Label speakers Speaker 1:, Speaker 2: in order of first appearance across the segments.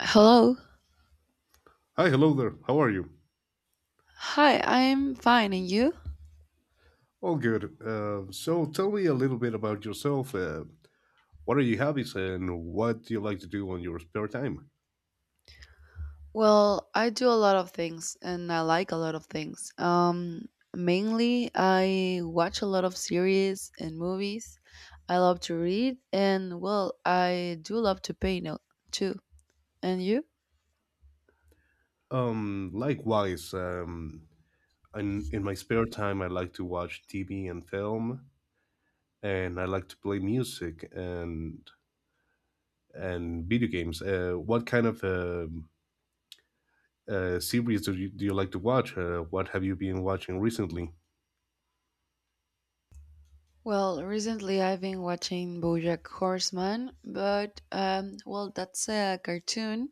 Speaker 1: Hello.
Speaker 2: Hi, hello there. How are you?
Speaker 1: Hi, I'm fine. And you?
Speaker 2: All good. So tell me a little bit about yourself. What are your hobbies and what do you like to do on your spare time?
Speaker 1: Well, I do a lot of things and I like a lot of things. Mainly, I watch a lot of series and movies. I love to read and, well, I do love to paint too. And you?
Speaker 2: Likewise, in my spare time, I like to watch TV and film, and I like to play music and video games. What kind of series do you like to watch? What have you been watching recently?
Speaker 1: Well, recently I've been watching Bojack Horseman, but, well, that's a cartoon.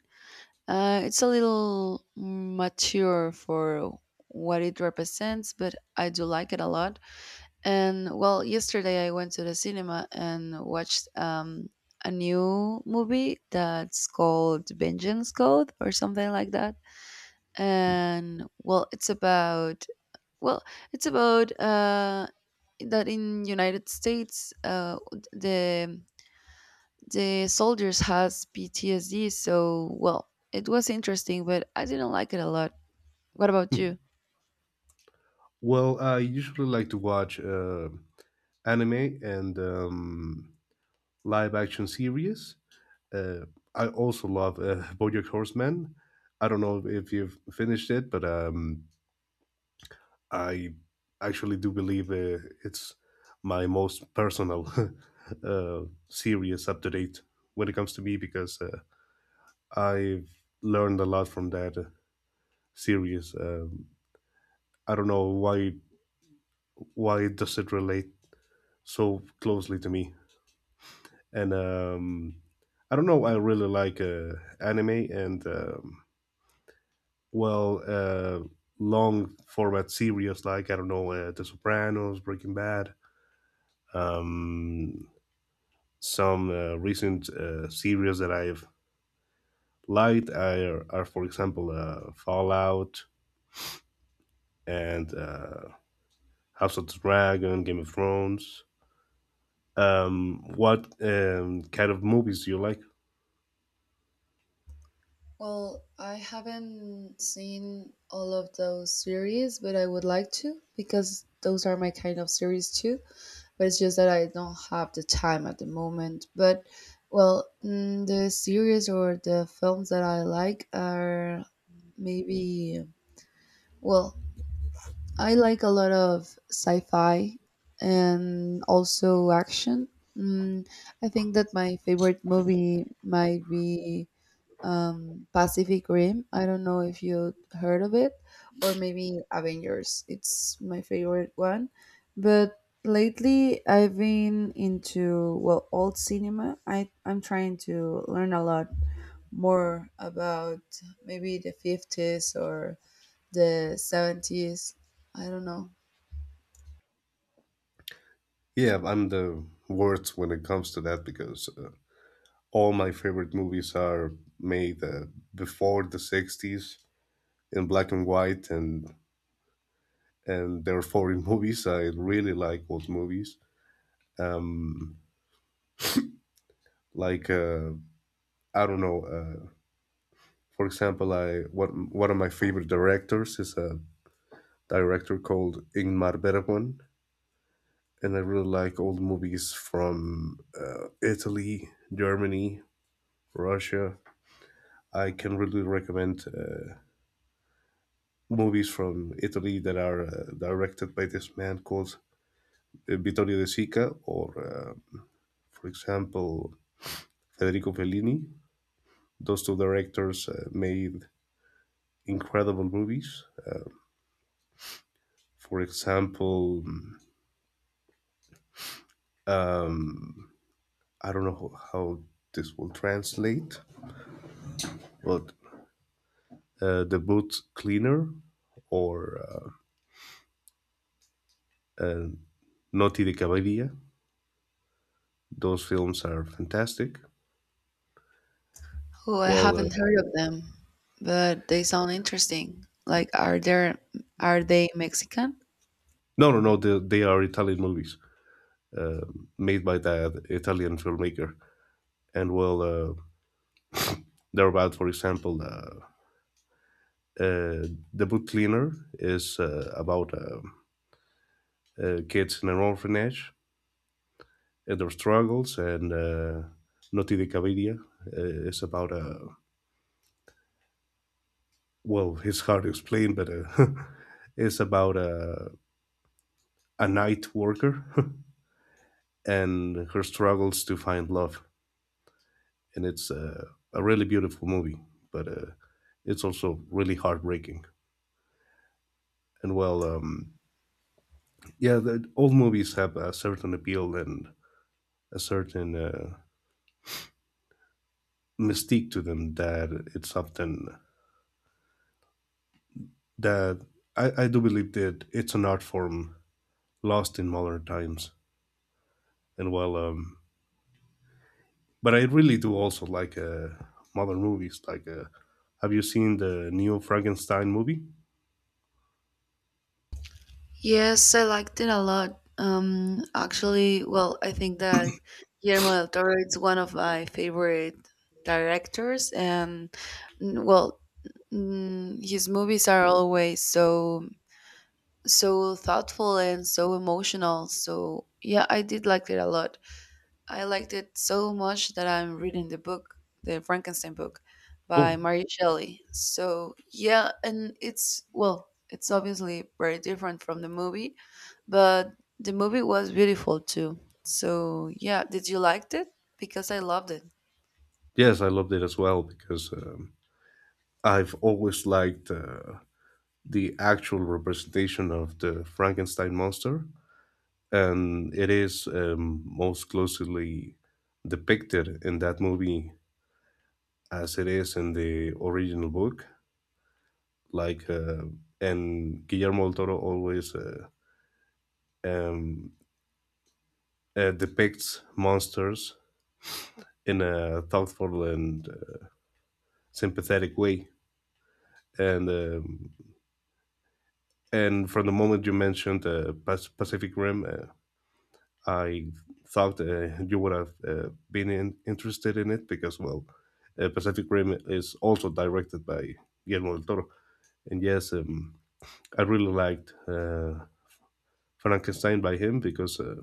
Speaker 1: It's a little mature for what it represents, but I do like it a lot. And well, yesterday I went to the cinema and watched a new movie that's called Vengeance Code or something like that. And well, it's about, well, it's about that in United States, the the soldiers has PTSD. So well, it was interesting, but I didn't like it a lot. What about you?
Speaker 2: Well, I usually like to watch anime and live action series. Uh, I also love BoJack Horseman. I don't know if you've finished it, but I actually do believe it's my most personal uh, series up to date when it comes to me because I've learned a lot from that series. I don't know why does it relate so closely to me, and I don't know. I really like anime and. Well long format series like I don't know The Sopranos, Breaking Bad, um, some recent series that I've liked are for example Fallout and House of the Dragon, Game of Thrones. What kind of movies do you like?
Speaker 1: Well, I haven't seen all of those series, but I would like to because those are my kind of series too. But it's just that I don't have the time at the moment. But, well, the series or the films that I like are maybe, well, I like a lot of sci fi and also action. Mm, I think that my favorite movie might be, Pacific Rim. I don't know if you heard of it, or maybe Avengers. It's my favorite one. But lately, I've been into, well, old cinema. I'm trying to learn a lot more about maybe the 50s or the 70s. I don't know.
Speaker 2: Yeah, I'm the worst when it comes to that because all my favorite movies are made before the 60s in black and white and therefore in movies I really like old movies um like I don't know for example I what one of my favorite directors is a director called Ingmar Bergman, and I really like old movies from Italy, Germany, Russia. I can really recommend movies from Italy that are directed by this man called Vittorio De Sica, or for example Federico Fellini. Those two directors made incredible movies. For example, I don't know how this will translate, but The Boot Cleaner, or uh, uh, Noti de Cavallia. Those films are fantastic.
Speaker 1: Oh, I
Speaker 2: Well,
Speaker 1: haven't heard of them, but they sound interesting. Like, are they Mexican?
Speaker 2: no, no, no, they are Italian movies uh, made by that Italian filmmaker. And well, they're about, for example, uh, The Boot Cleaner is about kids in an orphanage and their struggles. And Noti de Caviria is about a well, it's hard to explain, but it's about a night worker and her struggles to find love. And it's a really beautiful movie, but it's also really heartbreaking. And well, yeah, all movies have a certain appeal and a certain mystique to them that it's often that I do believe that it's an art form lost in modern times. And well, but I really do also like modern movies. Like, have you seen the new Frankenstein movie?
Speaker 1: Yes, I liked it a lot. Actually, well, I think that Guillermo del Toro is one of my favorite directors, and, well, his movies are always so thoughtful and so emotional. So yeah, I did like it a lot. I liked it so much that I'm reading the book, the Frankenstein book by
Speaker 2: Oh,
Speaker 1: Mary Shelley. So, yeah, and it's obviously very different from the movie, but the movie was beautiful too. So, yeah, did you liked it? Because I loved it.
Speaker 2: yes, I loved it as well because I've always liked the actual representation of the Frankenstein monster, and it is most closely depicted in that movie as it is in the original book. Like and Guillermo del Toro always um, depicts monsters in a thoughtful and sympathetic way. And um, and from the moment you mentioned Pacific Rim, I thought you would have been interested in it because well, Pacific Rim is also directed by Guillermo del Toro. And yes, I really liked Frankenstein by him because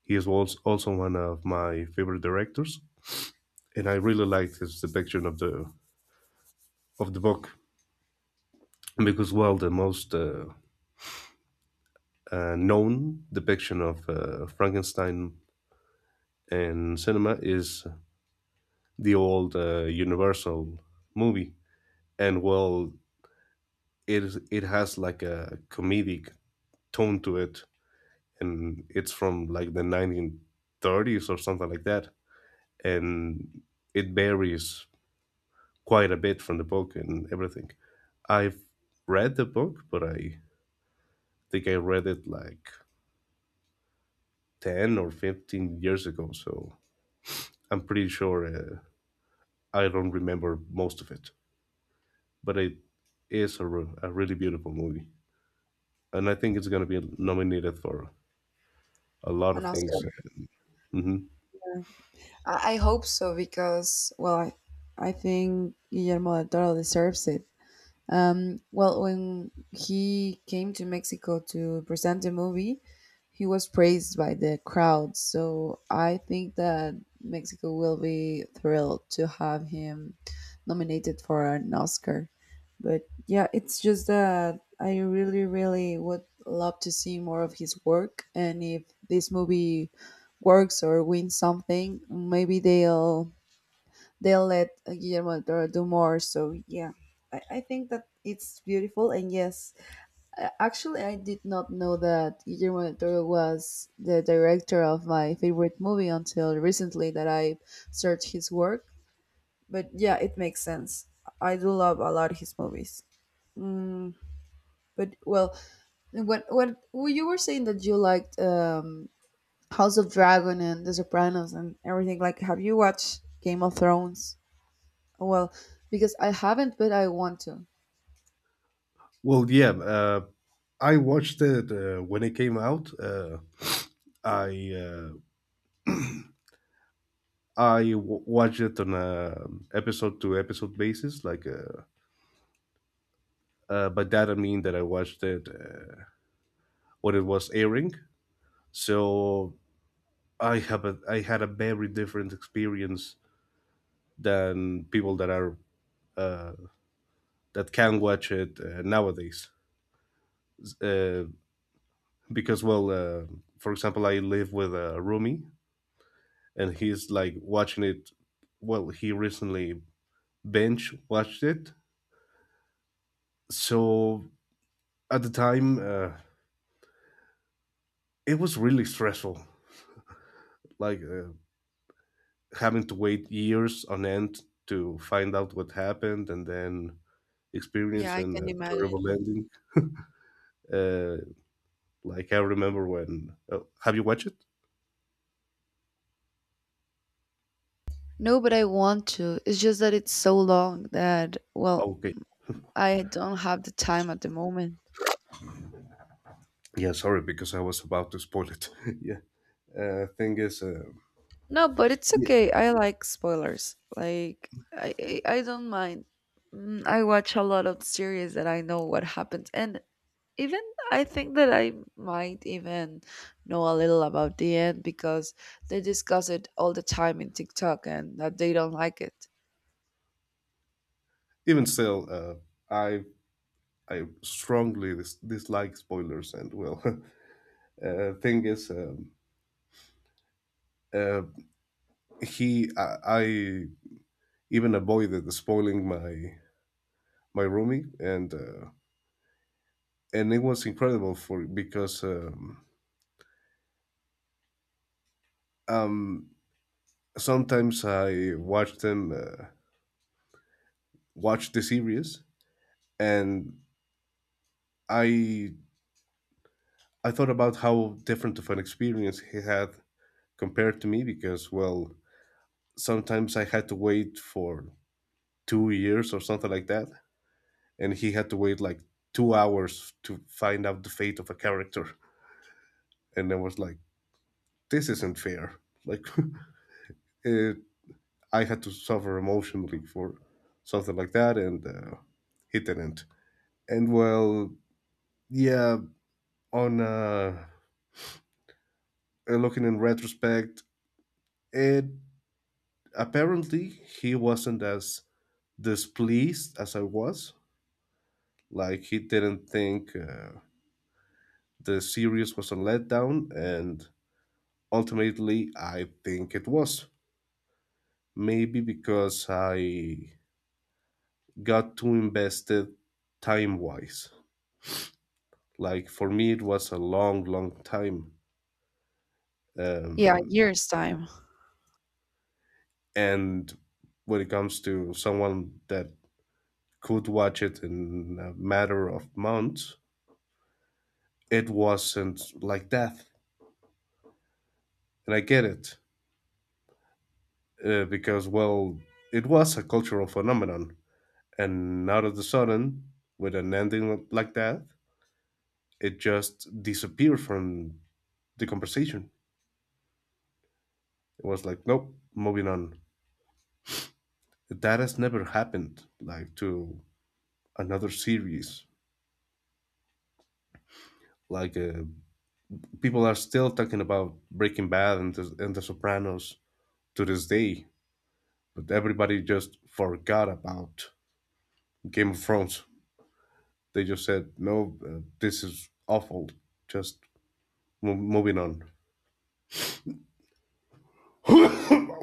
Speaker 2: he is also one of my favorite directors, and I really liked his depiction of the book because well, the most known depiction of Frankenstein in cinema is the old Universal movie, and well, it has like a comedic tone to it, and it's from like 1930s or something like that, and it varies quite a bit from the book and everything. I've read the book, but I think I read it like 10 or 15 years ago, so I'm pretty sure I don't remember most of it. But it is a, a really beautiful movie, and I think it's going to be nominated for a lot
Speaker 1: An
Speaker 2: of
Speaker 1: Oscar.
Speaker 2: things. Mhm.
Speaker 1: I hope so because, well, I think Guillermo del Toro deserves it. Well, when he came to Mexico to present the movie, he was praised by the crowd. So I think that Mexico will be thrilled to have him nominated for an Oscar. But yeah, it's just that I really, really would love to see more of his work. And if this movie works or wins something, maybe they'll let, Guillermo del Toro do more. So yeah, I think that it's beautiful. And yes, actually, I did not know that Guillermo del Toro was the director of my favorite movie until recently that I searched his work. But yeah, it makes sense. I do love a lot of his movies. Mm, but well, when you were saying that you liked, House of Dragon and The Sopranos and everything, like, have you watched Game of Thrones? Well, because I haven't, but I want to.
Speaker 2: Well, yeah, I watched it when it came out. I uh, Watched it on a episode to episode basis, like but that doesn't mean that I watched it when it was airing. So I had a very different experience than people that are that can watch it nowadays. Uh, because well, for example, I live with a roomie, and he's like watching it. Well, he recently binge watched it. So at the time, it was really stressful. Like having to wait years on end to find out what happened and then
Speaker 1: Yeah, I
Speaker 2: experiencing a
Speaker 1: can imagine.
Speaker 2: terrible ending. Uh, like I remember when. Oh, have you watched it?
Speaker 1: No, but I want to. It's just that it's so long that, well,
Speaker 2: Okay.
Speaker 1: I don't have the time at the moment.
Speaker 2: Yeah, sorry, because I was about to spoil it. yeah. Uh, thing is, uh,
Speaker 1: No, but it's
Speaker 2: yeah,
Speaker 1: okay. I like spoilers. Like, I don't mind. I watch a lot of series that I know what happens. And even I think that I might even know a little about the end because they discuss it all the time in TikTok and that they don't like it.
Speaker 2: even still, I I strongly dislike spoilers, and well, thing is, uh, he I even avoided spoiling my roomie, and it was incredible for because um, sometimes I watch the series, and I I thought about how different of an experience he had compared to me because well sometimes I had to wait for 2 years or something like that, and he had to wait like 2 hours to find out the fate of a character, and I was like, this isn't fair. Like, uh, I had to suffer emotionally for something like that, and he didn't. And well, yeah, on looking in retrospect, it apparently he wasn't as displeased as I was. Like he didn't think the series was a letdown, and ultimately, I think it was. Maybe because I got too invested time wise. Like for me, it was a long, long time.
Speaker 1: Yeah,
Speaker 2: Um,
Speaker 1: years' time.
Speaker 2: and when it comes to someone that could watch it in a matter of months, it wasn't like that. And I get it because, well, it was a cultural phenomenon. And out of the sudden, with an ending like that, it just disappeared from the conversation. It was like, nope, moving on. That has never happened, like to another series. Like people are still talking about Breaking Bad and and the Sopranos to this day, but everybody just forgot about Game of Thrones. They just said, "No, this is awful. Just moving on."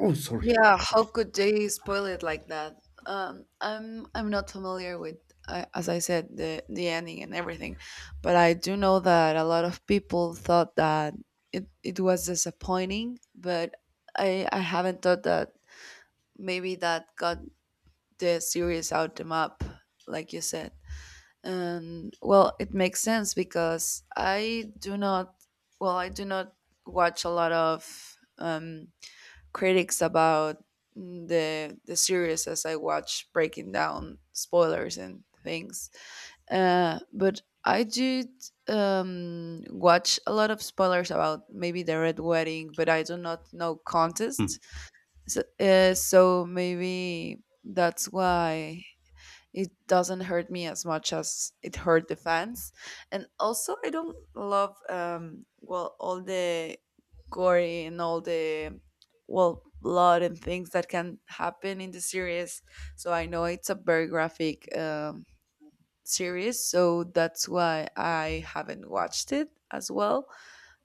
Speaker 2: oh, sorry.
Speaker 1: Yeah, how could they spoil it like that? I'm not familiar with, as I said, the ending and everything, but I do know that a lot of people thought that it was disappointing. But I haven't thought that maybe that got the series out the map, like you said. And well, it makes sense because I do not watch a lot of um critics about the series as I watch breaking down spoilers and things. But I did, watch a lot of spoilers about maybe the Red Wedding, but I do not know
Speaker 2: Hmm.
Speaker 1: contests. So maybe that's why it doesn't hurt me as much as it hurt the fans. And also I don't love, well, all the gory and all the, well, blood and things that can happen in the series. So I know it's a very graphic, series, so that's why I haven't watched it as well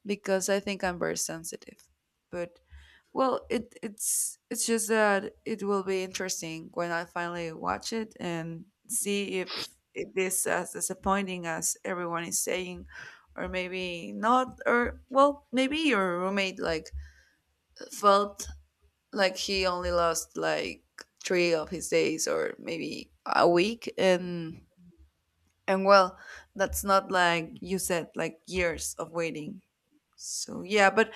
Speaker 1: because I think I'm very sensitive. But well, it's just that it will be interesting when I finally watch it and see if it is as disappointing as everyone is saying, or maybe not, or well, maybe your roommate like felt like he only lost like three of his days or maybe a week. And well, that's not, like you said, like years of waiting. So yeah, but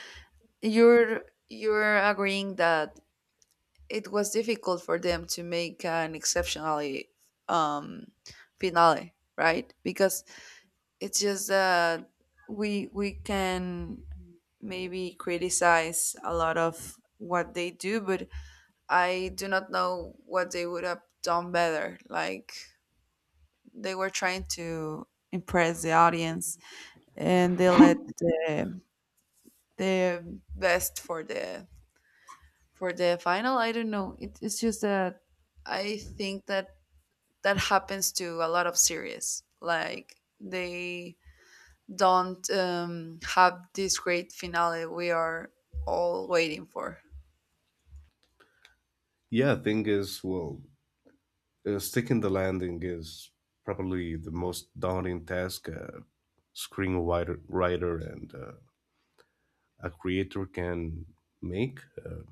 Speaker 1: you're you're agreeing that it was difficult for them to make an exceptionally, um, finale, right? Because it's just that we can maybe criticize a lot of what they do, but I do not know what they would have done better. Like they were trying to impress the audience, and they let the best for the final. I don't know. It's just that I think that that happens to a lot of series. Like they don't, have this great finale we are all waiting for.
Speaker 2: Yeah, thing is, well, sticking the landing is probably the most daunting task a screenwriter writer and a creator can make. Uh,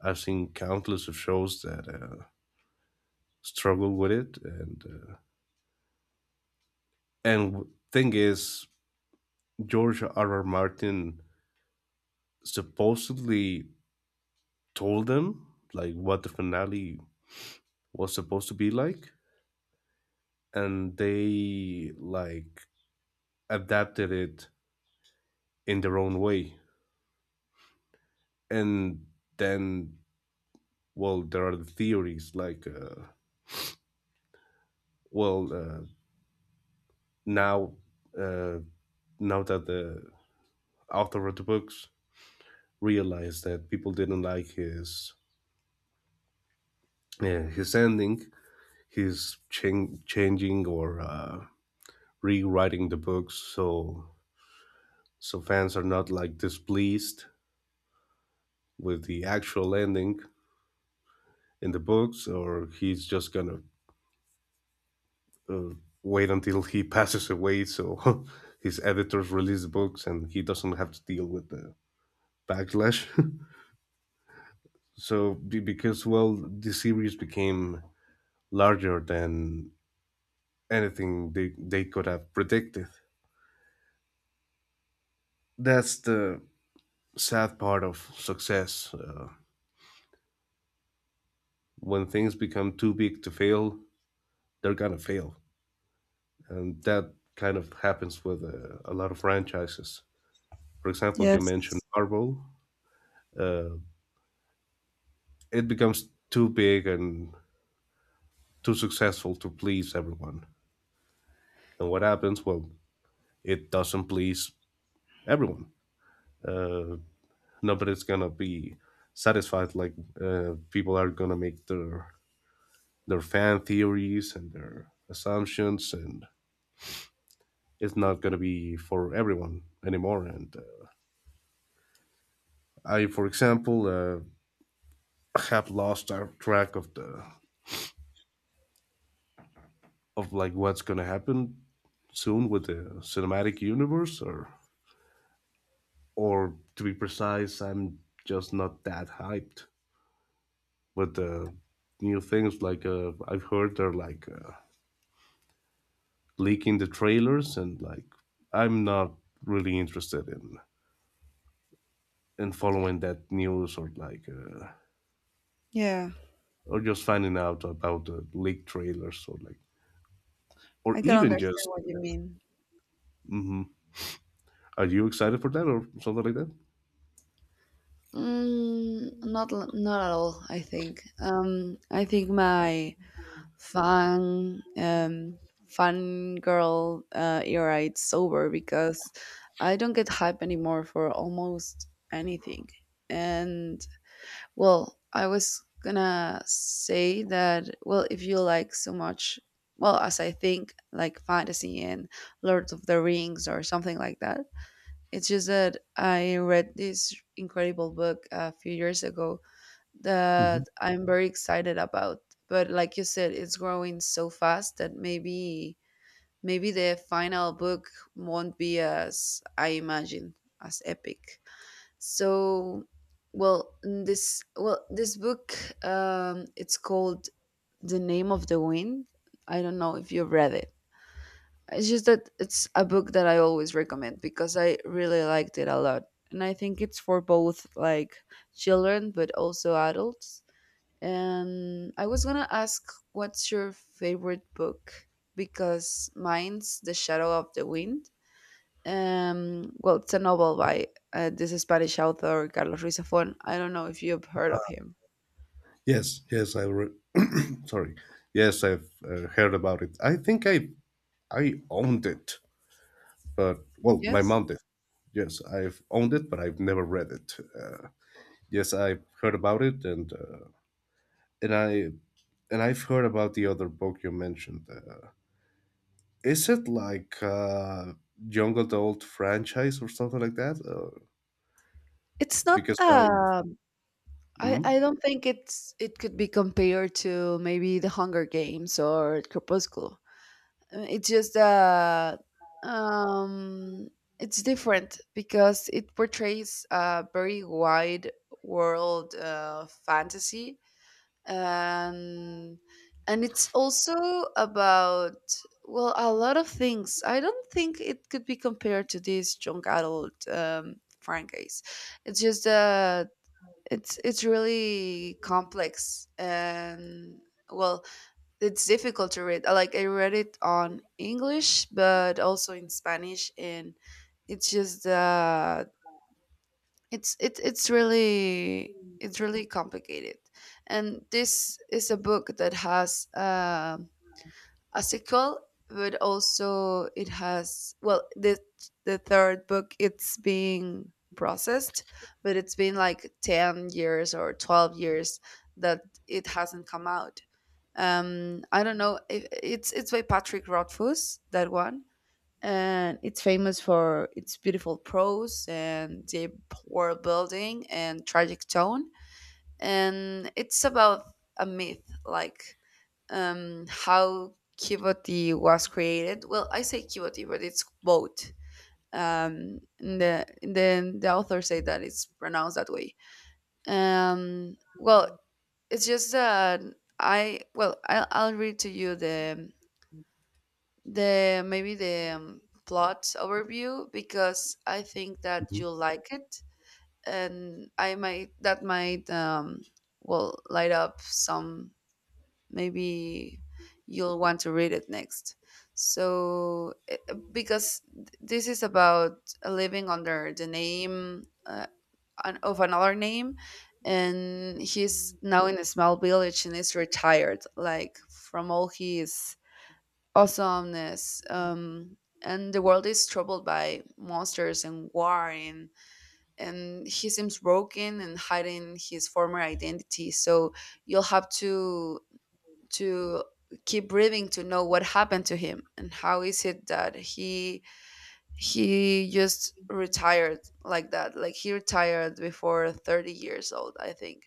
Speaker 2: I've seen countless of shows that struggle with it. And thing is, George R. R. Martin supposedly told them like what the finale was supposed to be like, and they like adapted it in their own way. And then, well, there are the theories like, well, uh, now uh, now that the author of the books realized that people didn't like his yeah, his ending, he's changing or rewriting the books so so fans are not like displeased with the actual ending in the books, or he's just gonna uh, wait until he passes away so his editors release the books and he doesn't have to deal with the backlash. So because well the series became larger than anything they could have predicted. That's the sad part of success. When things become too big to fail, they're gonna fail, and that kind of happens with a lot of franchises. For example, you mentioned
Speaker 1: Yes.
Speaker 2: Marvel; uh, it becomes too big and too successful to please everyone. And what happens? Well, it doesn't please everyone. Uh, nobody's gonna be satisfied. Like people are gonna make their fan theories and their assumptions, and it's not gonna be for everyone anymore. And I, for example, have lost track of the of like what's gonna happen soon with the cinematic universe, or to be precise, I'm just not that hyped with the new things. Like I've heard they're like leaking the trailers, and like I'm not really interested in following that news or like
Speaker 1: Yeah.
Speaker 2: or just finding out about the leaked trailers or like or
Speaker 1: I can
Speaker 2: even
Speaker 1: understand
Speaker 2: just.
Speaker 1: what you mean.
Speaker 2: Hmm. Are you excited for that or something like that?
Speaker 1: Mm, not at all. I think. I think my fan, fan girl, era it's over because I don't get hype anymore for almost anything, and well, I was gonna say that, well, if you like so much, well, as I think, like fantasy and Lord of the Rings or something like that, it's just that I read this incredible book a few years ago
Speaker 2: Hmm.
Speaker 1: that I'm very excited about. But like you said, it's growing so fast that maybe the final book won't be as I imagine, as epic. So, well, this book, it's called The Name of the Wind. I don't know if you've read it. It's just that it's a book that I always recommend because I really liked it a lot, and I think it's for both like children but also adults. And I was gonna ask, what's your favorite book? Because mine's The Shadow of the Wind. Well, it's a novel by, this Spanish author Carlos Ruiz Zafón. I don't know if you've heard of him.
Speaker 2: Yes, yes, sorry. Yes, I've heard about it. I think I owned it, but well, my
Speaker 1: Yes,
Speaker 2: mom did. Yes, I've owned it, but I've never read it. Yes, I've heard about it, and and I I've heard about the other book you mentioned. Is it like young adult franchise or something like that?
Speaker 1: it's not.
Speaker 2: Because I.
Speaker 1: I
Speaker 2: mhm.
Speaker 1: don't think it could be compared to maybe The Hunger Games or Crepúsculo. It's just that, um, it's different because it portrays a very wide world, fantasy, and it's also about, well, a lot of things. I don't think it could be compared to this junk adult, franchise. It's just, it's really complex, and well, it's difficult to read. Like I read it on english but also in spanish, and it's just, it's really, complicated. And this is a book that has, a sequel, but also it has, well, the third book it's being processed, but it's been like 10 years or 12 years that it hasn't come out. I don't know if it's by Patrick Rothfuss, that one. And it's famous for its beautiful prose and deep world building and tragic tone. And it's about a myth, like, how Kivoti was created. Well, I say Kivoti, but it's both. And the and then the author say that it's pronounced that way. Well, it's just that I, well, I, I'll read to you the maybe the, plot overview because I think that
Speaker 2: Mhm.
Speaker 1: you'll like it, and I might that might, will light up some. Maybe you'll want to read it next. So, this is about living under the name, of another name, and he's now in a small village and is retired, like from all his awesomeness. And the world is troubled by monsters and war, and he seems broken and hiding his former identity. So you'll have to, to keep breathing to know what happened to him and how is it that he just retired like that, like he retired before 30 years old, I think.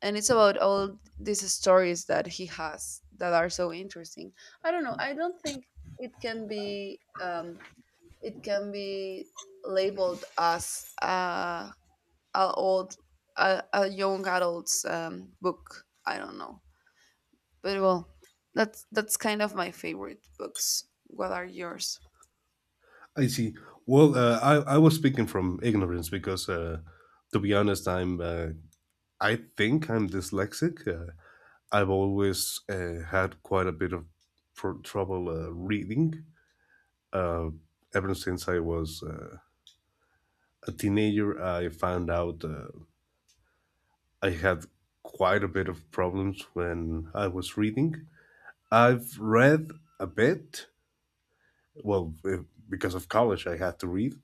Speaker 1: And it's about all these stories that he has that are so interesting. I don't know. I don't think it can be, it can be labeled as, a old, a young adult's, book. I don't know, but well, that's kind of my favorite books. What are yours?
Speaker 2: I see. Well, I was speaking from ignorance because, to be honest, I'm I think I'm dyslexic. I've always had quite a bit of trouble reading. Uh, ever since I was a teenager, I found out I had quite a bit of problems when I was reading. I've read a bit. Well, because of college, I had to read,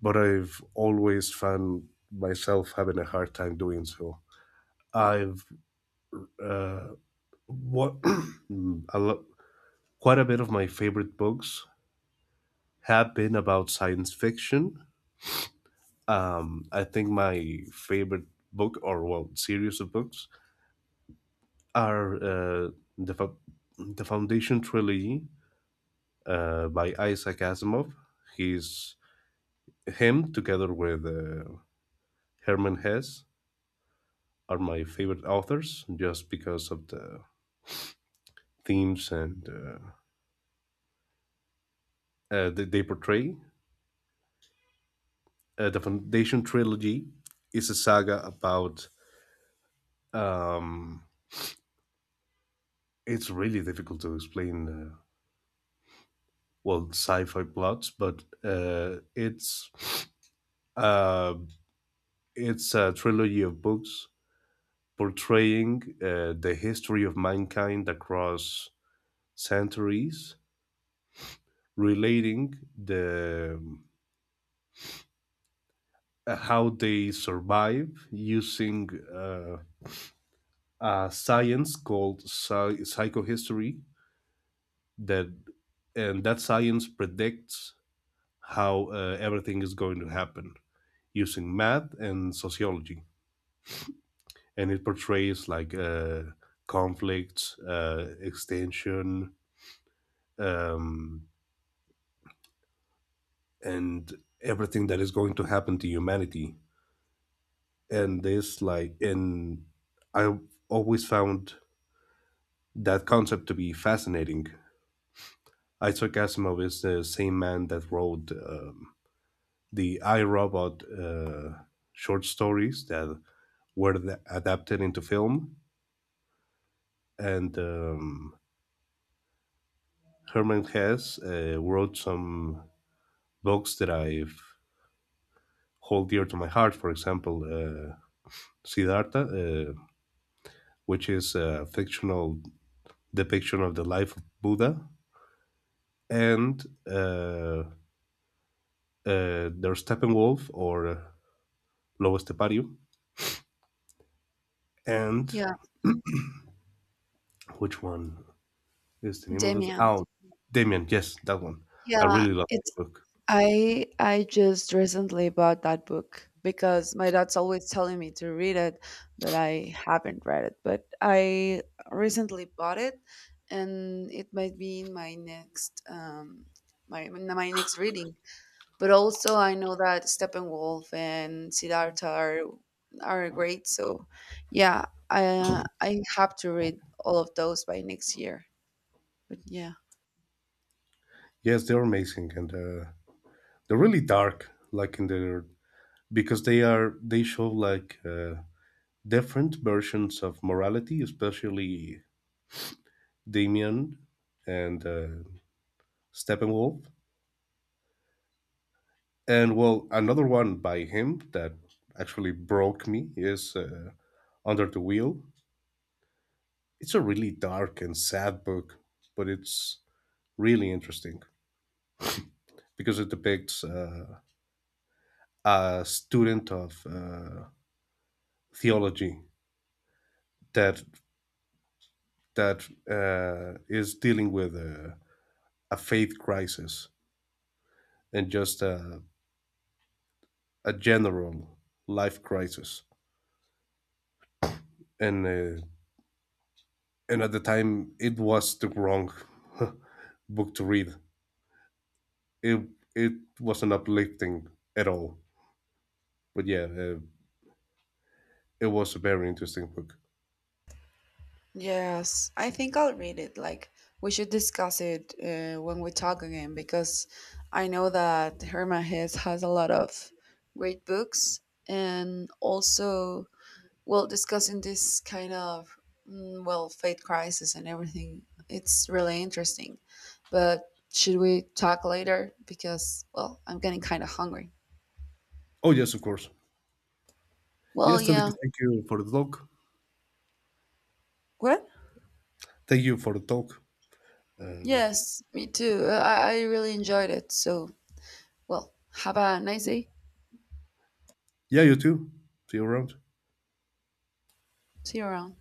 Speaker 2: but I've always found myself having a hard time doing so. I've uh, what a lot Quite a bit of my favorite books have been about science fiction. I think my favorite book, or well, series of books, are the Fo- the Foundation trilogy by Isaac Asimov. He's him together with Herman Hesse are my favorite authors, just because of the themes and that they portray. The Foundation trilogy is a saga about um, it's really difficult to explain well sci-fi plots but uh, it's a trilogy of books portraying the history of mankind across centuries relating the how they survive using uh, a science called psychohistory that and that science predicts how everything is going to happen using math and sociology, and it portrays like conflicts, extension, um, and everything that is going to happen to humanity. And this like, and I always found that concept to be fascinating. Isaac Asimov is the same man that wrote the I Robot short stories that were adapted into film, and Herman Hesse wrote some books that I hold dear to my heart. For example, Siddhartha, which is a fictional depiction of the life of Buddha, and there's Steppenwolf or Lobo Estepario, and
Speaker 1: Yeah,
Speaker 2: which one is the name of it?
Speaker 1: Demian.
Speaker 2: Oh, Damien. Yes, that one. I
Speaker 1: Yeah,
Speaker 2: really love
Speaker 1: it's
Speaker 2: the book.
Speaker 1: I just recently bought that book because my dad's always telling me to read it, but I haven't read it. But I recently bought it, and it might be in my next, my my next reading. But also I know that Steppenwolf and Siddhartha are great, so yeah, I have to read all of those by next year. But yeah.
Speaker 2: Yes, they're amazing and they're really dark, like in their because they show like different versions of morality, especially Damien and Steppenwolf. And well, another one by him that actually broke me is Under the Wheel. It's a really dark and sad book, but it's really interesting because it depicts a student of theology that that is dealing with a faith crisis and just a general life crisis, and uh, and at the time it was the wrong book to read. It it wasn't uplifting at all. But yeah, it was a very interesting book.
Speaker 1: Yes, I think I'll read it. Like, we should discuss it, when we talk again because I know that Herma Hess has a lot of great books, and also, well, discussing this kind of, mm, well, faith crisis and everything, it's really interesting. But should we talk later? Because, well, I'm getting kind of hungry.
Speaker 2: Oh yes, of course.
Speaker 1: Well,
Speaker 2: Yes,
Speaker 1: yeah.
Speaker 2: thank you for the talk.
Speaker 1: What?
Speaker 2: Thank you for the talk. Um,
Speaker 1: Yes, me too. I really enjoyed it. So, well, have a nice day.
Speaker 2: yeah, you too. See you around.
Speaker 1: See you around.